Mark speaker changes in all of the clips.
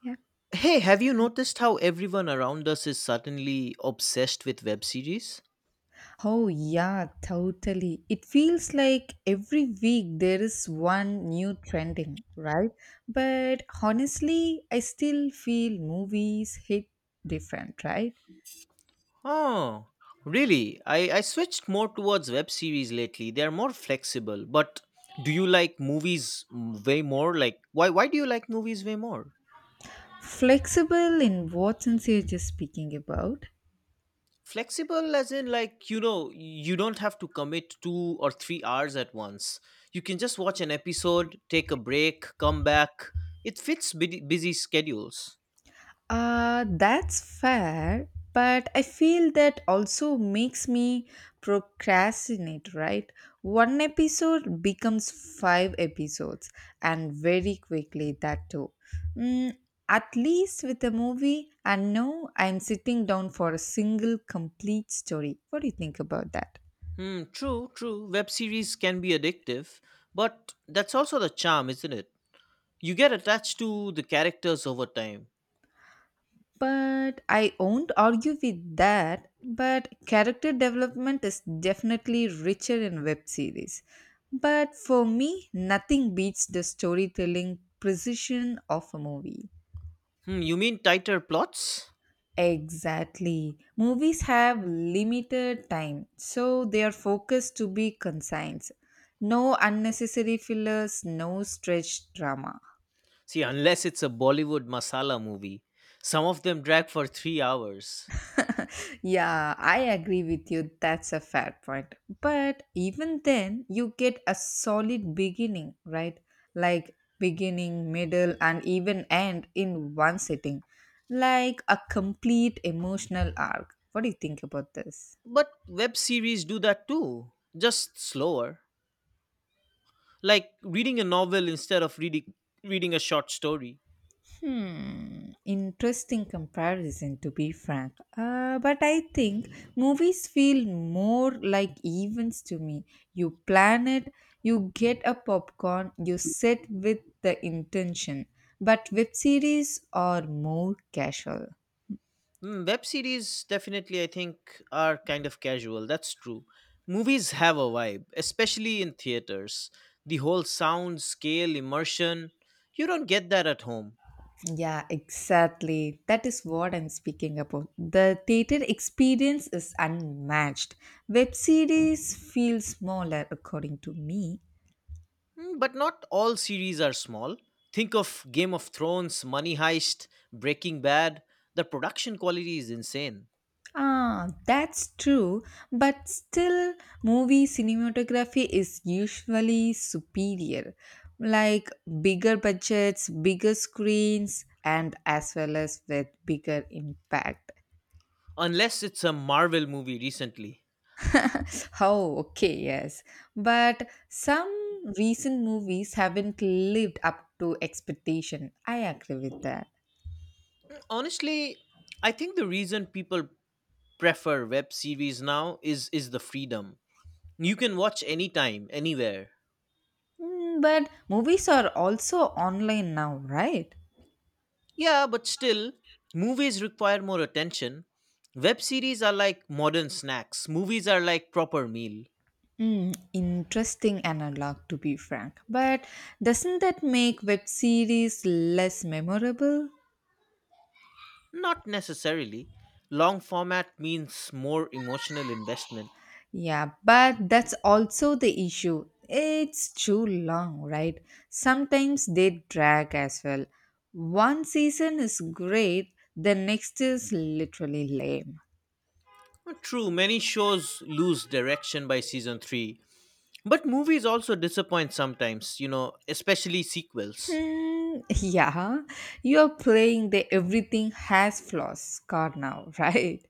Speaker 1: Yeah.
Speaker 2: Hey, have you noticed how everyone around us is suddenly obsessed with web series?
Speaker 1: Oh, yeah, totally. It feels like every week there is one new trending, right? But honestly, I still feel movies hit different, right?
Speaker 2: Oh, really? I switched more towards web series lately. They're more flexible. But do you like movies way more? Like, why do you like movies way more?
Speaker 1: Flexible in what sense you're just speaking about?
Speaker 2: Flexible, as in, like, you know, you don't have to commit 2 or 3 hours at once. You can just watch an episode, take a break, come back. It fits busy schedules.
Speaker 1: That's fair, but I feel that also makes me procrastinate, right? One episode becomes five episodes, and very quickly, that too. Mm, at least with a movie, I know I'm sitting down for a single complete story. What do you think about that?
Speaker 2: Hmm, true, true. Web series can be addictive, but that's also the charm, isn't it? You get attached to the characters over time.
Speaker 1: But I won't argue with that. But character development is definitely richer in web series. But for me, nothing beats the storytelling precision of a movie.
Speaker 2: You mean tighter plots?
Speaker 1: Exactly. Movies have limited time, so they are focused to be concise. No unnecessary fillers, no stretched drama.
Speaker 2: See, unless it's a Bollywood masala movie, some of them drag for 3 hours.
Speaker 1: Yeah, I agree with you. That's a fair point. But even then, you get a solid beginning, right? Like beginning, middle, and even end in one sitting, like a complete emotional arc. What do you think about this?
Speaker 2: But web series do that too, just slower. Like reading a novel instead of reading a short story.
Speaker 1: Hmm, interesting comparison, to be frank. But I think movies feel more like events to me. You plan it, you get a popcorn, you sit with the intention. But web series are more casual.
Speaker 2: Web series definitely, I think, are kind of casual. That's true. Movies have a vibe, especially in theaters. The whole sound, scale, immersion. You don't get that at home.
Speaker 1: Yeah, exactly. That is what I'm speaking about. The theater experience is unmatched. Web series feel smaller, according to me.
Speaker 2: But not all series are small. Think of Game of Thrones, Money Heist, Breaking Bad. The production quality is insane.
Speaker 1: Ah, that's true, but still, movie cinematography is usually superior. Like bigger budgets, bigger screens, and as well as with bigger impact.
Speaker 2: Unless it's a Marvel movie recently.
Speaker 1: Oh, okay, yes. But some recent movies haven't lived up to expectation. I agree with that.
Speaker 2: Honestly, I think the reason people prefer web series now is the freedom. You can watch anytime, anywhere.
Speaker 1: But movies are also online now, right?
Speaker 2: Yeah, but still, movies require more attention. Web series are like modern snacks, movies are like proper meal.
Speaker 1: Hmm, interesting analog, to be frank. But doesn't that make web series less memorable?
Speaker 2: Not necessarily. Long format means more emotional investment.
Speaker 1: Yeah, but that's also the issue. It's too long, right? Sometimes they drag as well. One season is great, the next is literally lame.
Speaker 2: True, many shows lose direction by season 3. But movies also disappoint sometimes, you know, especially sequels.
Speaker 1: Hmm, yeah, you're playing the everything has flaws card now, right?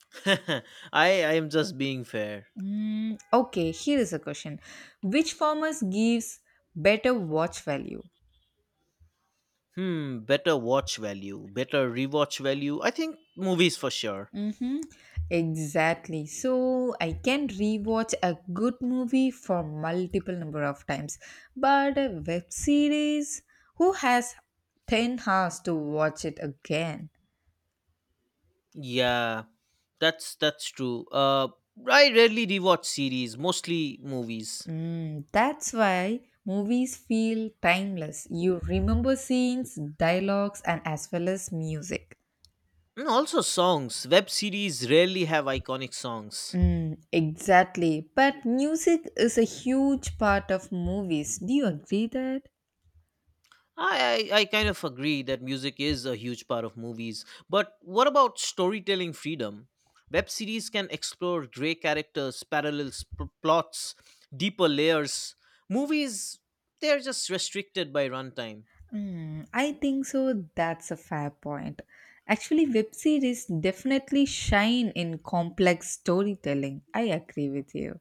Speaker 2: I, I am just being fair.
Speaker 1: Okay, here is a question. Which farmers gives better watch value?
Speaker 2: Better watch value, better rewatch value. I think movies for sure.
Speaker 1: Mm-hmm. Exactly. So I can rewatch a good movie for multiple number of times. But a web series, who has 10 hours to watch it again?
Speaker 2: Yeah, that's true. I rarely rewatch series, mostly movies,
Speaker 1: That's why movies feel timeless. You remember scenes, dialogues, and as well as music.
Speaker 2: and also songs. Web series rarely have iconic songs.
Speaker 1: Exactly. But music is a huge part of movies. Do you agree that?
Speaker 2: I kind of agree that music is a huge part of movies, but what about storytelling freedom? Web series can explore gray characters, parallel plots, deeper layers. Movies, they're just restricted by runtime.
Speaker 1: I think so. That's a fair point. Actually, web series definitely shine in complex storytelling. I agree with you.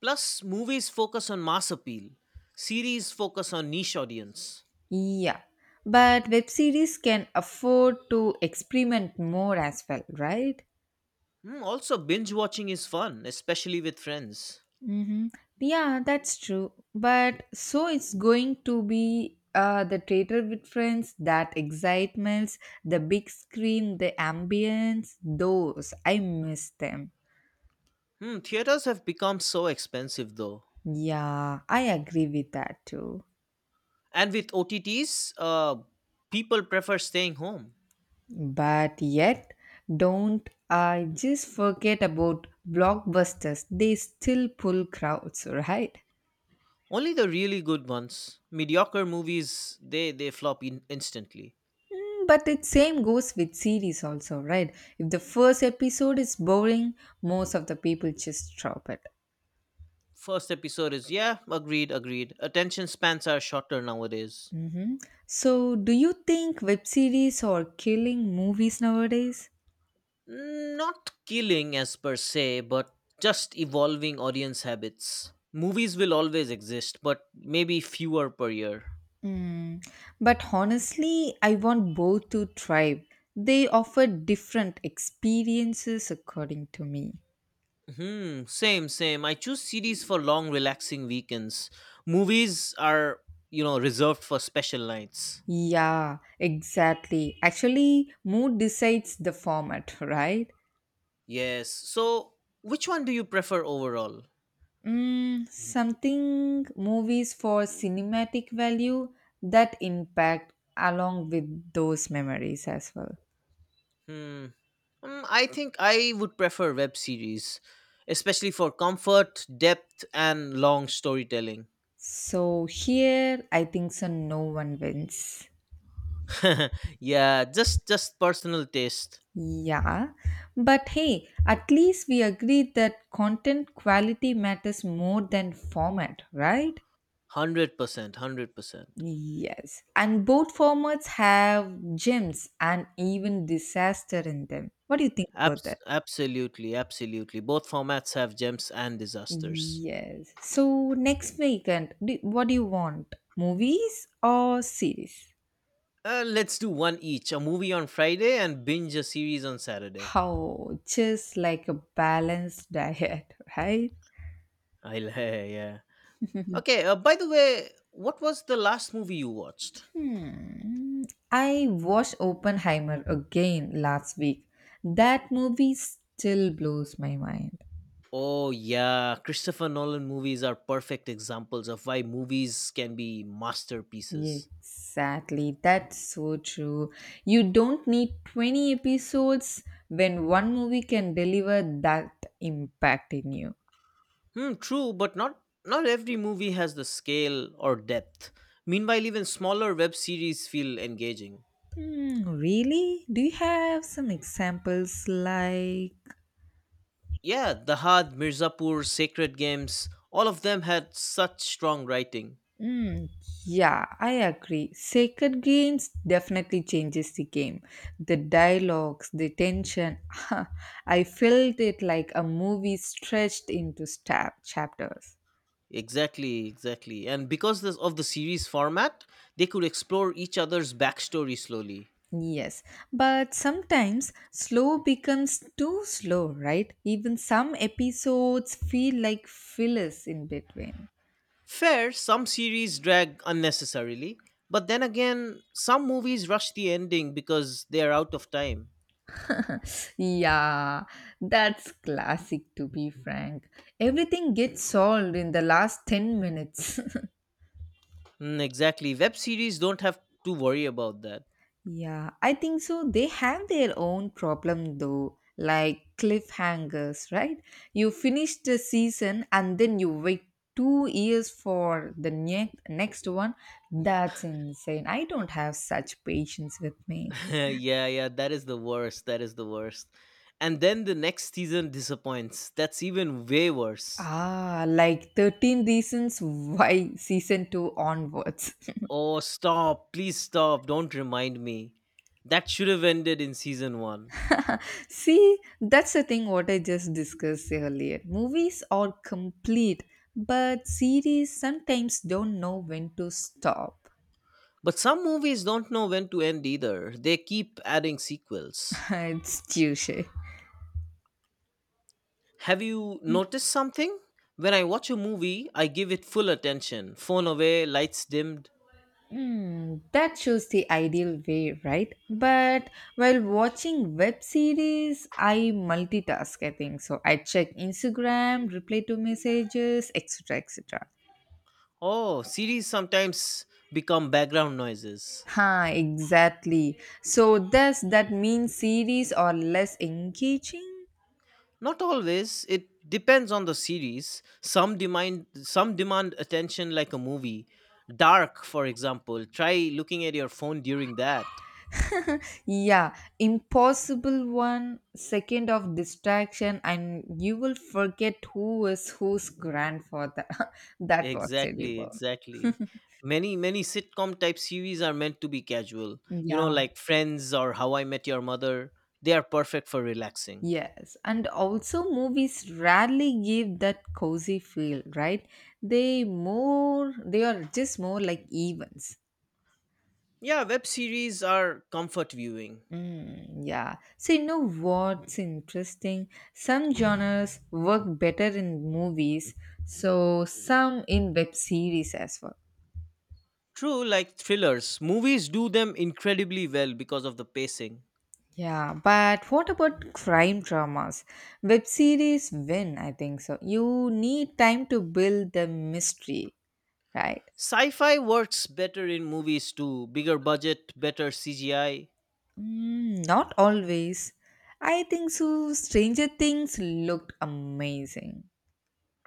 Speaker 2: Plus, movies focus on mass appeal. Series focus on niche audience.
Speaker 1: Yeah. But web series can afford to experiment more as well, right?
Speaker 2: Also, binge watching is fun, especially with friends.
Speaker 1: Mm-hmm. Yeah, that's true. But so it's going to be the theater with friends, that excitements, the big screen, the ambience, those. I miss them.
Speaker 2: Theaters have become so expensive though.
Speaker 1: Yeah, I agree with that too.
Speaker 2: And with OTTs, people prefer staying home.
Speaker 1: But yet, don't I just forget about blockbusters? They still pull crowds, right?
Speaker 2: Only the really good ones. Mediocre movies, they flop instantly.
Speaker 1: But it same goes with series also, right? If the first episode is boring, most of the people just drop it.
Speaker 2: First episode is, yeah, agreed, agreed. Attention spans are shorter nowadays.
Speaker 1: Hmm. So, do you think web series are killing movies nowadays?
Speaker 2: Not killing as per se, but just evolving audience habits. Movies will always exist, but maybe fewer per year.
Speaker 1: Mm. But honestly, I want both to thrive. They offer different experiences according to me.
Speaker 2: Hmm, same, same. I choose series for long, relaxing weekends. Movies are, you know, reserved for special nights.
Speaker 1: Yeah, exactly. Actually, mood decides the format, right?
Speaker 2: Yes. So, which one do you prefer overall?
Speaker 1: Something movies for cinematic value that impact along with those memories as well.
Speaker 2: Hmm. I think I would prefer web series, especially for comfort, depth, and long storytelling.
Speaker 1: So here I think so no one wins.
Speaker 2: yeah, just personal taste.
Speaker 1: Yeah. But hey, at least we agree that content quality matters more than format, right?
Speaker 2: 100%, 100%.
Speaker 1: Yes. And both formats have gems and even disaster in them. What do you think about
Speaker 2: Abs-
Speaker 1: that?
Speaker 2: absolutely, absolutely. Both formats have gems and disasters.
Speaker 1: Yes. So next weekend, do, what do you want? Movies or series?
Speaker 2: Let's do one each. A movie on Friday and binge a series on Saturday.
Speaker 1: How? Just like a balanced diet, right?
Speaker 2: I'll yeah. Okay. By the way, what was the last movie you watched?
Speaker 1: Hmm. I watched Oppenheimer again last week. That movie still blows my mind.
Speaker 2: Oh yeah, Christopher Nolan movies are perfect examples of why movies can be masterpieces.
Speaker 1: Exactly. That's so true. You don't need 20 episodes when one movie can deliver that impact in you.
Speaker 2: Hmm. True, but not every movie has the scale or depth. Meanwhile, even smaller web series feel engaging.
Speaker 1: Hmm, really? Do you have some examples like.
Speaker 2: Yeah, The Had, Mirzapur, Sacred Games, all of them had such strong writing.
Speaker 1: Mm, yeah, I agree. Sacred Games definitely changes the game. The dialogues, the tension. I felt it like a movie stretched into chapters.
Speaker 2: Exactly, exactly. And because this, of the series format, they could explore each other's backstory slowly.
Speaker 1: Yes, but sometimes slow becomes too slow, right? Even some episodes feel like fillers in between.
Speaker 2: Fair, some series drag unnecessarily, but then again, some movies rush the ending because they are out of time.
Speaker 1: Yeah, that's classic, to be frank. Everything gets solved in the last 10 minutes.
Speaker 2: Mm, exactly. Web series don't have to worry about that.
Speaker 1: Yeah, I think so. They have their own problem though, like cliffhangers, right? You finish the season and then you wait 2 years for the next one. That's insane. I don't have such patience with me.
Speaker 2: yeah, yeah, that is the worst. That is the worst. And then the next season disappoints. That's even way worse.
Speaker 1: Ah, like 13 reasons why season 2 onwards.
Speaker 2: Oh, stop. Please stop. Don't remind me. That should have ended in season one.
Speaker 1: See, that's the thing what I just discussed earlier. Movies are complete, but series sometimes don't know when to stop.
Speaker 2: But some movies don't know when to end either. They keep adding sequels.
Speaker 1: It's Tuesday.
Speaker 2: Have you noticed something? When I watch a movie, I give it full attention. Phone away, lights dimmed.
Speaker 1: Hmm, that shows the ideal way, right? But while watching web series, I multitask, I think. So I check Instagram, reply to messages, etc. etc.
Speaker 2: Oh, series sometimes become background noises.
Speaker 1: Huh, exactly. So does that mean series are less engaging?
Speaker 2: Not always. It depends on the series. Some demand attention like a movie. Dark, for example. Try looking at your phone during that.
Speaker 1: Yeah, impossible 1 second of distraction, and you will forget who is whose grandfather. That was
Speaker 2: Exactly,
Speaker 1: terrible.
Speaker 2: exactly. Many sitcom type series are meant to be casual. You know,
Speaker 1: Yeah.
Speaker 2: like Friends or How I Met Your Mother. They are perfect for relaxing.
Speaker 1: Yes, and also movies rarely give that cozy feel, right? They are just more like events.
Speaker 2: Yeah, web series are comfort viewing.
Speaker 1: Yeah. So you know what's interesting? Some genres work better in movies, so some in web series as well.
Speaker 2: True, like thrillers. Movies do them incredibly well because of the pacing.
Speaker 1: Yeah, but what about crime dramas? Web series win, I think so. You need time to build the mystery, right?
Speaker 2: Sci-fi works better in movies too. Bigger budget, better CGI.
Speaker 1: Not always. I think so. Stranger Things looked amazing.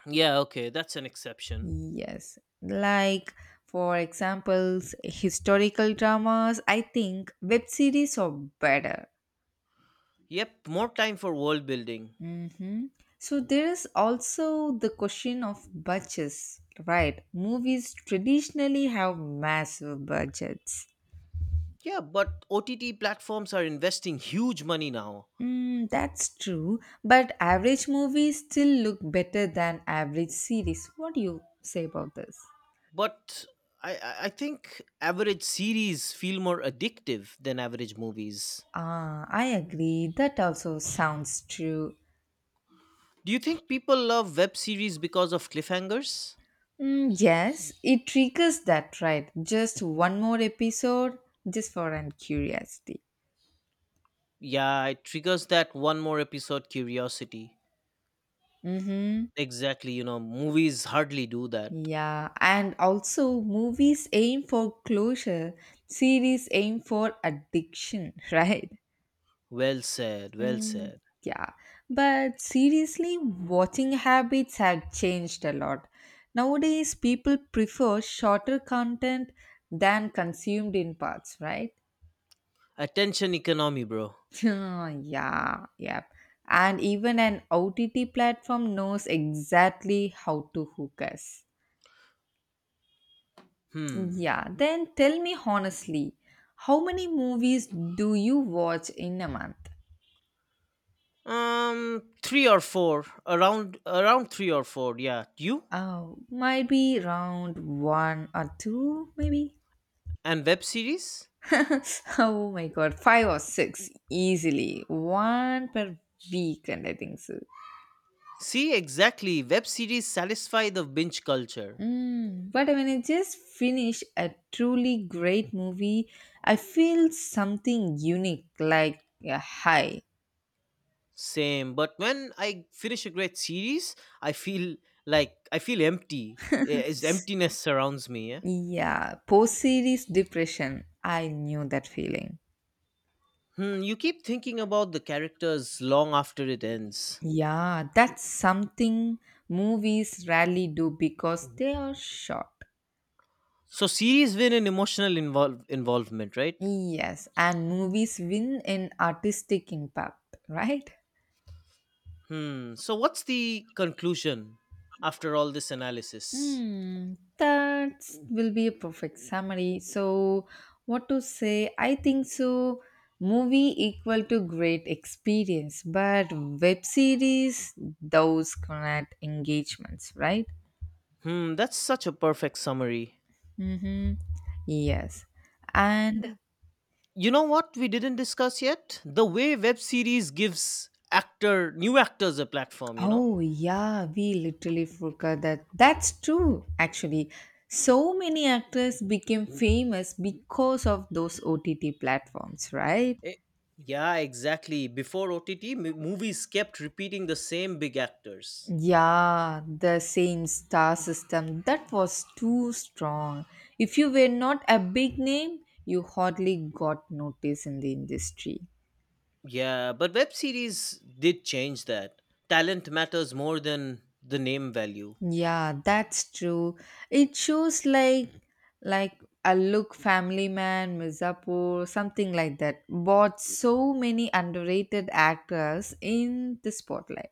Speaker 2: Yeah, okay, that's an exception.
Speaker 1: Yes. Like, for examples, historical dramas, I think web series are better.
Speaker 2: Yep, more time for world building.
Speaker 1: Mm-hmm. So there is also the question of budgets, right? Movies traditionally have massive budgets.
Speaker 2: Yeah, but OTT platforms are investing huge money now.
Speaker 1: That's true, but average movies still look better than average series. What do you say about this?
Speaker 2: But I think average series feel more addictive than average movies.
Speaker 1: Ah, I agree. That also sounds true.
Speaker 2: Do you think people love web series because of cliffhangers?
Speaker 1: Yes, it triggers that, right? Just one more episode, just for an curiosity.
Speaker 2: Yeah, it triggers that one more episode curiosity.
Speaker 1: Mm-hmm.
Speaker 2: Exactly, you know, movies hardly do that.
Speaker 1: Yeah, and also movies aim for closure, series aim for addiction, right?
Speaker 2: Well said, well
Speaker 1: Mm.
Speaker 2: said.
Speaker 1: Yeah, but seriously, watching habits have changed a lot. Nowadays, people prefer shorter content than consumed in parts, right?
Speaker 2: Attention economy, bro.
Speaker 1: Yeah, yeah. And even an OTT platform knows exactly how to hook us.
Speaker 2: Hmm.
Speaker 1: Yeah, then tell me honestly, how many movies do you watch in a month?
Speaker 2: Three or four. Around three or four, yeah. You?
Speaker 1: Oh, might be around one or two, maybe.
Speaker 2: And web series?
Speaker 1: Oh my god, five or six easily, one per week, and I think so.
Speaker 2: See, exactly. Web series satisfy the binge culture.
Speaker 1: But when I just finish a truly great movie, I feel something unique, like a high.
Speaker 2: Same, but when I finish a great series, I feel like I feel empty. It's emptiness surrounds me. Yeah?
Speaker 1: Yeah, post series depression. I knew that feeling.
Speaker 2: You keep thinking about the characters long after it ends.
Speaker 1: Yeah, that's something movies rarely do because they are short.
Speaker 2: So series win in emotional involvement, right?
Speaker 1: Yes, and movies win in artistic impact, right?
Speaker 2: Hmm. So what's the conclusion after all this analysis?
Speaker 1: Hmm, that will be a perfect summary. So, what to say? I think so. Movie equal to great experience, but web series those connect engagements, right?
Speaker 2: Hmm. That's such a perfect summary.
Speaker 1: Mm-hmm. Yes, and
Speaker 2: You know what we didn't discuss yet? The way web series gives actor new actors a platform. You know.
Speaker 1: Oh, yeah, we literally forgot that. That's true, actually. So many actors became famous because of those OTT platforms, right?
Speaker 2: Eh, yeah, exactly. Before OTT, movies kept repeating the same big actors.
Speaker 1: Yeah, the same star system. That was too strong. If you were not a big name, you hardly got noticed in the industry.
Speaker 2: Yeah, but web series did change that. Talent matters more than the name value.
Speaker 1: Yeah, that's true. It shows like like a look family man, Mirzapur, something like that. Bought so many underrated actors in the spotlight.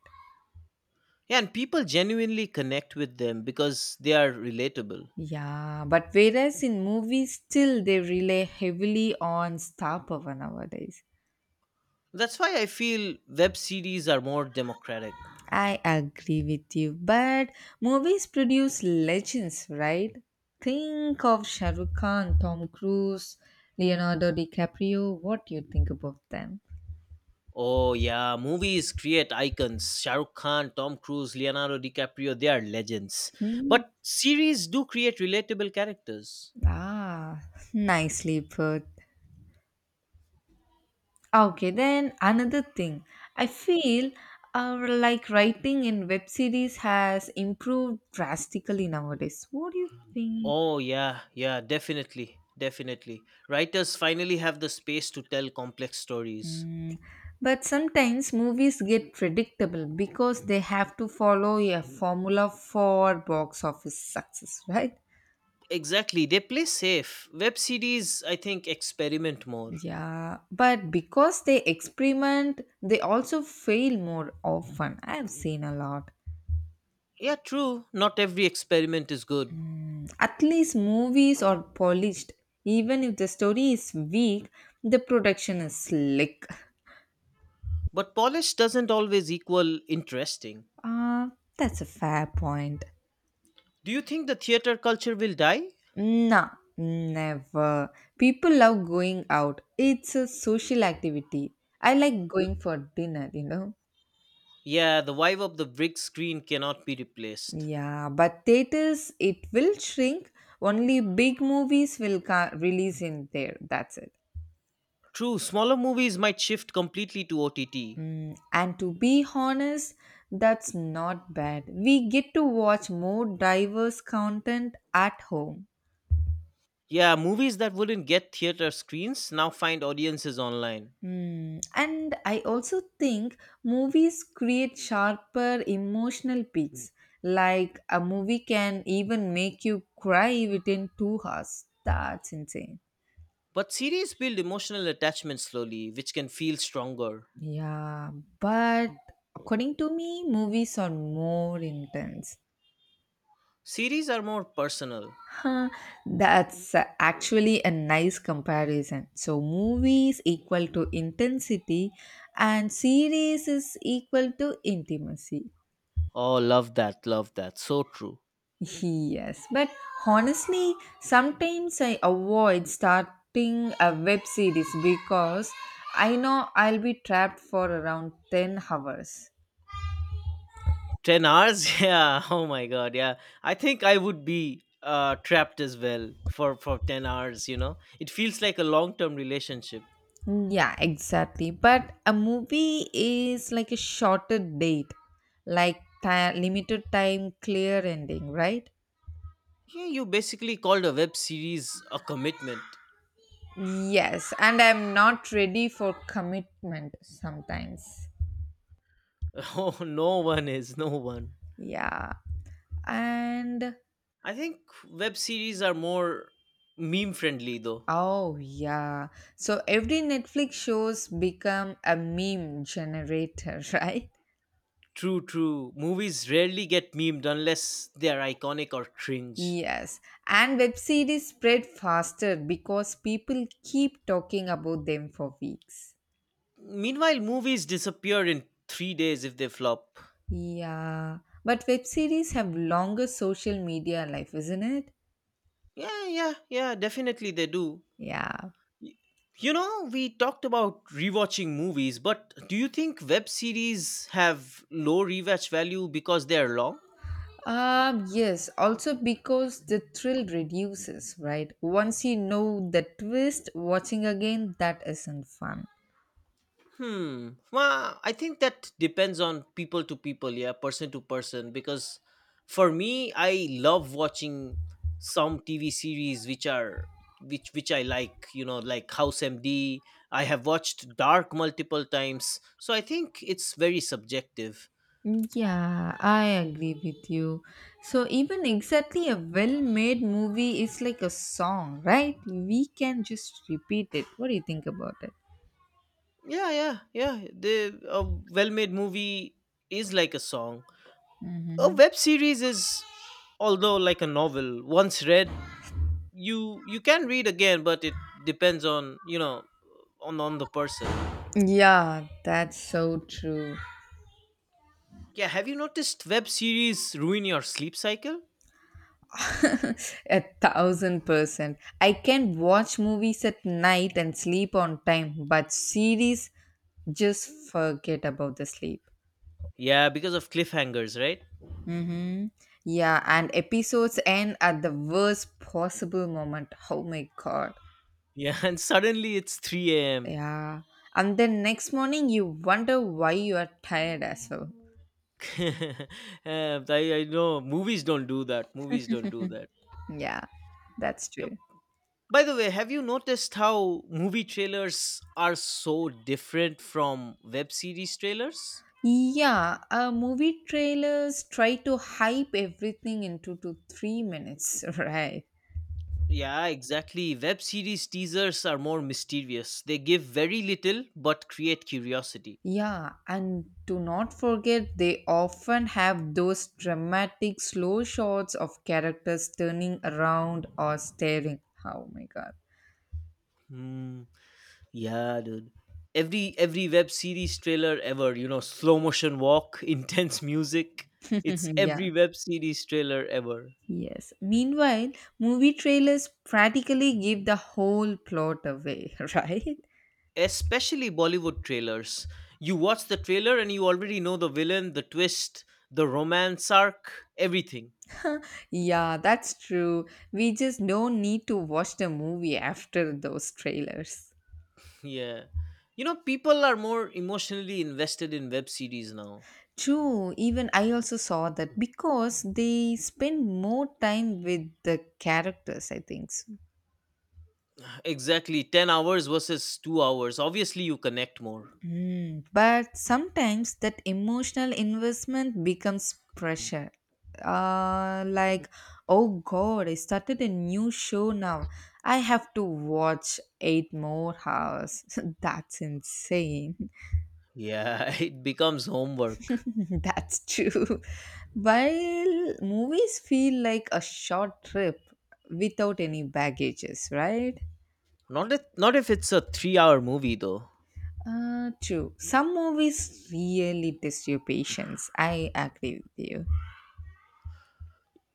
Speaker 2: Yeah, and people genuinely connect with them because they are relatable.
Speaker 1: Yeah, but whereas in movies still they rely heavily on star power nowadays.
Speaker 2: That's why I feel web series are more democratic.
Speaker 1: I agree with you, but movies produce legends, right? Think of Shah Rukh Khan, Tom Cruise, Leonardo DiCaprio. What do you think about them?
Speaker 2: Oh yeah, movies create icons. Shah Rukh Khan, Tom Cruise, Leonardo DiCaprio, they are legends.
Speaker 1: Hmm.
Speaker 2: But series do create relatable characters.
Speaker 1: Ah, nicely put. Okay, then another thing. I feel like writing in web series has improved drastically nowadays. What do you think?
Speaker 2: Oh, yeah, yeah, definitely. Writers finally have the space to tell complex stories.
Speaker 1: Mm, but sometimes movies get predictable because they have to follow a formula for box office success, right?
Speaker 2: Exactly, they play safe. Web series, I think, experiment more.
Speaker 1: Yeah, but because they experiment, they also fail more often. I have seen a lot.
Speaker 2: Yeah, true, not every experiment is good,
Speaker 1: At least movies are polished. Even if the story is weak, the production is slick.
Speaker 2: but polished doesn't always equal interesting.
Speaker 1: Ah, that's a fair point.
Speaker 2: Do you think the theater culture will die?
Speaker 1: Nah, never. People love going out. It's a social activity. I like
Speaker 2: L-
Speaker 1: going for dinner, you know.
Speaker 2: Yeah, the vibe of the big screen cannot be replaced.
Speaker 1: Yeah, but theaters, it will shrink. Only big movies will release in there. That's it.
Speaker 2: True, smaller movies might shift completely to OTT.
Speaker 1: And to be honest, that's not bad. We get to watch more diverse content at home.
Speaker 2: Yeah, movies that wouldn't get theater screens now find audiences online.
Speaker 1: And I also think movies create sharper emotional peaks. Like a movie can even make you cry within 2 hours. That's insane.
Speaker 2: But series build emotional attachment slowly, which can feel stronger.
Speaker 1: Yeah, but according to me, movies are more intense.
Speaker 2: Series are more personal.
Speaker 1: Huh, that's actually a nice comparison. So, movies equal to intensity, and series is equal to intimacy.
Speaker 2: Oh, love that. So true.
Speaker 1: Yes, but honestly, sometimes I avoid starting a web series because I know I'll be trapped for around 10 hours.
Speaker 2: 10 hours? Yeah. Oh my god, yeah. I think I would be trapped as well for 10 hours, you know. It feels like a long-term relationship.
Speaker 1: Yeah, exactly. But a movie is like a shorter date, like ti limited time, clear ending, right?
Speaker 2: Yeah, you basically called a web series a commitment.
Speaker 1: Yes, and I'm not ready for commitment sometimes.
Speaker 2: Oh, no one is, no one.
Speaker 1: Yeah. And
Speaker 2: I think web series are more meme friendly though.
Speaker 1: oh yeah. So every Netflix shows become a meme generator, right?
Speaker 2: True, true. Movies rarely get memed unless they are iconic or cringe.
Speaker 1: Yes. And web series spread faster because people keep talking about them for weeks.
Speaker 2: Meanwhile, movies disappear in 3 days if they flop.
Speaker 1: Yeah. But web series have longer social media life, isn't it?
Speaker 2: Yeah, yeah, yeah, definitely they do.
Speaker 1: Yeah.
Speaker 2: Y- You know, we talked about rewatching movies, but do you think web series have low rewatch value because they are long?
Speaker 1: Yes, also because the thrill reduces, right? Once you know the twist, watching again, that isn't fun.
Speaker 2: Hmm. Well, I think that depends on people to people, yeah, person to person. Because for me, I love watching some TV series which are which I like. You know, like House MD. I have watched Dark multiple times, so I think it's very subjective.
Speaker 1: Yeah, I agree with you. So, even exactly a well made movie is like a song, right? We can just repeat it. What do you think about it?
Speaker 2: Yeah, yeah, yeah. The a well-made movie is like a song. A web series is, although like a novel, once read you can read again but it depends on you know on the person.
Speaker 1: Yeah, that's so true.
Speaker 2: Yeah, have you noticed web series ruin your sleep cycle?
Speaker 1: A thousand percent. I can watch movies at night and sleep on time, but series. Just forget about the sleep.
Speaker 2: Yeah, because of cliffhangers, right?
Speaker 1: Mm-hmm. Yeah, and episodes end at the worst possible moment. Oh my god.
Speaker 2: Yeah, and suddenly it's 3 a.m.
Speaker 1: Yeah. And then next morning you wonder why you are tired as well.
Speaker 2: I know movies don't do that.
Speaker 1: Yeah, that's
Speaker 2: Yep.
Speaker 1: true.
Speaker 2: By the way, have you noticed how movie trailers are so different from web series trailers?
Speaker 1: Yeah, movie trailers try to hype everything into 2-3 minutes, right?
Speaker 2: Yeah, exactly. Web series teasers are more mysterious. They give very little but create curiosity.
Speaker 1: Yeah, and do not forget they often have those dramatic slow shots of characters turning around or staring. Oh my god.
Speaker 2: Hmm. Yeah, dude. Every web series trailer ever, you know, slow motion walk, intense music. It's
Speaker 1: Mhm. Yeah.
Speaker 2: every web series trailer ever.
Speaker 1: Yes. Meanwhile, movie trailers practically give the whole plot away, right?
Speaker 2: Especially Bollywood trailers. You watch the trailer and you already know the villain, the twist, the romance arc, everything.
Speaker 1: Yeah, that's true. We just don't need to watch the movie after those trailers.
Speaker 2: Yeah. You know, people are more emotionally invested in web series now.
Speaker 1: True, even I also saw that because they spend more time with the characters, I think so.
Speaker 2: Exactly. 10 hours versus 2 hours. Obviously, you connect more.
Speaker 1: Mm, but sometimes that emotional investment becomes pressure. Like, oh god, I started a new show now. I have to watch eight more hours. That's insane.
Speaker 2: Yeah, it becomes homework.
Speaker 1: That's true. While movies feel like a short trip without any baggages, right?
Speaker 2: Not if, not if it's a 3-hour movie though.
Speaker 1: True. Some movies really test your patience. I agree with you.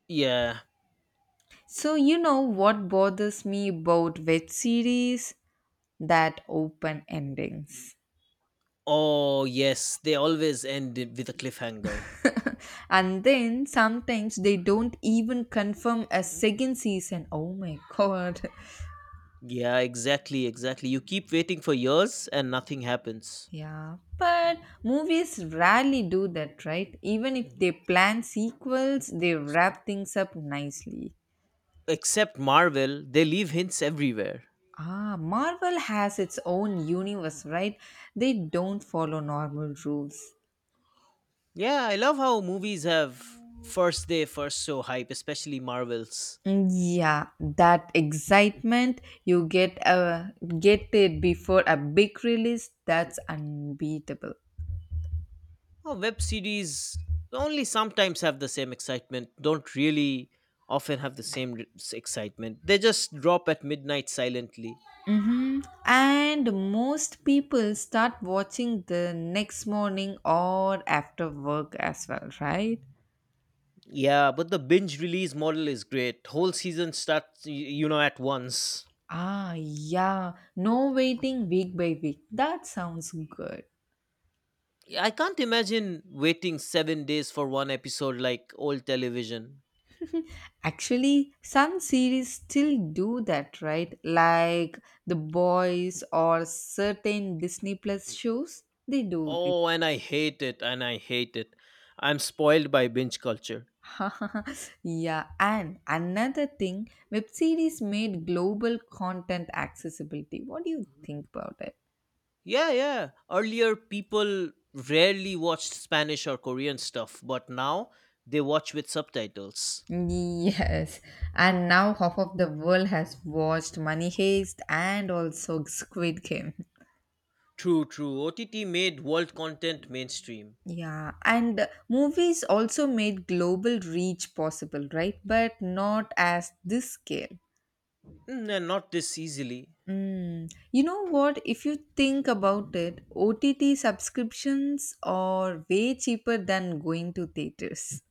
Speaker 2: Yeah.
Speaker 1: So, you know what bothers me about web series? That open endings.
Speaker 2: Oh, yes. They always end it with a cliffhanger.
Speaker 1: And then sometimes they don't even confirm a second season. Oh my god.
Speaker 2: Yeah, exactly, exactly. You keep waiting for years and nothing happens.
Speaker 1: Yeah, but movies rarely do that, right? Even if they plan sequels, they wrap things up nicely.
Speaker 2: Except Marvel, they leave hints everywhere.
Speaker 1: Ah, Marvel has its own universe, right? They don't follow normal rules.
Speaker 2: Yeah, I love how movies have first day, first show hype, especially Marvel's.
Speaker 1: Mm, yeah, that excitement you get it before a big release, that's unbeatable.
Speaker 2: Oh, web series only sometimes have the same excitement, don't really often have the same excitement. They just drop at midnight silently.
Speaker 1: And most people start watching the next morning or after work as well, right?
Speaker 2: Yeah, but the binge release model is great. Whole season starts, you know, at once.
Speaker 1: Ah, yeah, no waiting week by week. That sounds good.
Speaker 2: Yeah, I can't imagine waiting 7 days for one episode like old television.
Speaker 1: Actually, some series still do that, right? Like The Boys or certain Disney Plus shows, they do this.
Speaker 2: Oh, and I hate it. I'm spoiled by binge culture.
Speaker 1: Yeah, and another thing, web series made global content accessibility. What do you think about it?
Speaker 2: Yeah, yeah. Earlier, people rarely watched Spanish or Korean stuff, but now they watch with subtitles.
Speaker 1: Yes, and now half of the world has watched Money Heist and also Squid Game.
Speaker 2: True, true. OTT made world content mainstream.
Speaker 1: Yeah, and movies also made global reach possible, right? But not as this scale.
Speaker 2: And not this easily.
Speaker 1: Mm. You know what? If you think about it, OTT subscriptions are way cheaper than going to theaters.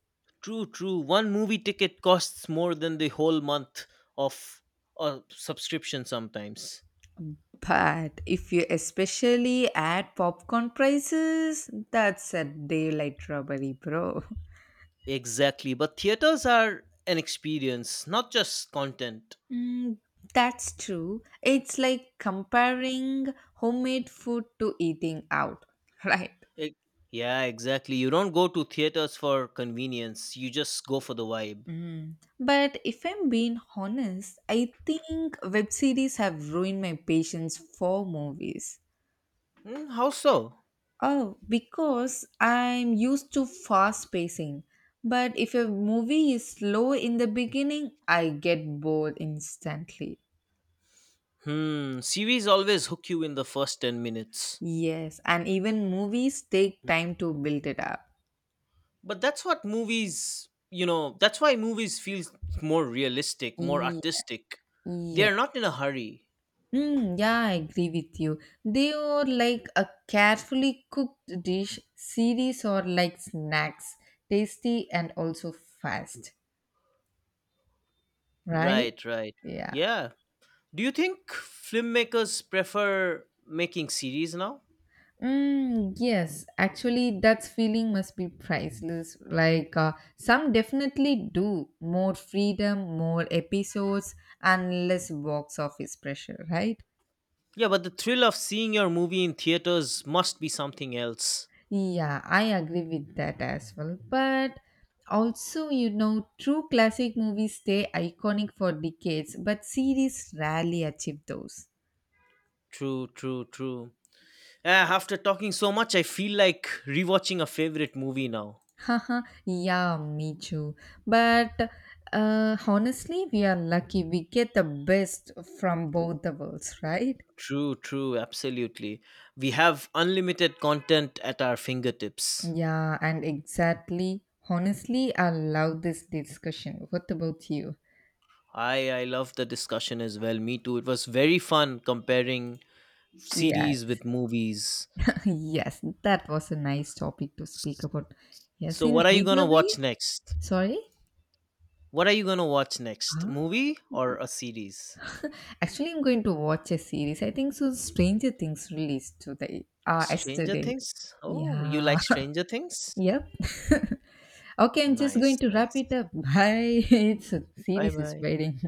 Speaker 2: True, true. One movie ticket costs more than the whole month of a subscription sometimes.
Speaker 1: But if you especially add popcorn prices, that's a daylight robbery, bro.
Speaker 2: Exactly. But theaters are an experience, not just content.
Speaker 1: Mm, that's true. It's like comparing homemade food to eating out, right?
Speaker 2: E- yeah, exactly. You don't go to theaters for convenience, you just go for the vibe.
Speaker 1: Mm. But if I'm being honest, I think web series have ruined my patience for movies.
Speaker 2: How so?
Speaker 1: Oh, because I'm used to fast pacing. But if a movie is slow in the beginning, I get bored instantly.
Speaker 2: Series always hook you in the first 10 minutes.
Speaker 1: Yes, and even movies take time to build it up.
Speaker 2: But that's what movies, you know, that's why movies feel more realistic, more
Speaker 1: Yeah,
Speaker 2: artistic. They
Speaker 1: yeah.
Speaker 2: are not in a hurry.
Speaker 1: Mm, yeah, I agree with you. They are like a carefully cooked dish, series or like snacks, tasty and also fast, right?
Speaker 2: Right, right.
Speaker 1: Yeah.
Speaker 2: Yeah. Do you think filmmakers prefer making series now?
Speaker 1: Mm, yes, actually, that's feeling must be priceless. Like, some definitely do more freedom, more episodes, and less box office pressure, right?
Speaker 2: Yeah, but the thrill of seeing your movie in theaters must be something else.
Speaker 1: Yeah, I agree with that as well. But also, true classic movies stay iconic for decades, but series rarely achieve those.
Speaker 2: True, true, true. Ah, after talking so much, I feel like rewatching a favorite movie now.
Speaker 1: Haha, yeah, me too. But honestly, we are lucky. We get the best from both the worlds, right?
Speaker 2: True, true, absolutely. We have unlimited content at our fingertips.
Speaker 1: Yeah, and exactly. Honestly, I love this discussion. What about you?
Speaker 2: I love the discussion as well. Me too. It was very fun comparing
Speaker 1: Yeah,
Speaker 2: series with movies.
Speaker 1: yes, that was a nice topic to speak
Speaker 2: S-
Speaker 1: about. Yes,
Speaker 2: So
Speaker 1: in
Speaker 2: what are you going to
Speaker 1: either way,
Speaker 2: watch next?
Speaker 1: sorry.
Speaker 2: What are you going to watch next?
Speaker 1: Ah.
Speaker 2: Movie or a series?
Speaker 1: Actually, I'm going to watch a series. I think so. Stranger Things released today,
Speaker 2: Stranger
Speaker 1: yesterday.
Speaker 2: Things? Oh, you
Speaker 1: Yeah,
Speaker 2: like Stranger Things?
Speaker 1: yep. Okay, I'm just going
Speaker 2: Nice,
Speaker 1: to wrap
Speaker 2: nice.
Speaker 1: it up. Bye. It's a series is
Speaker 2: Bye-bye.
Speaker 1: waiting.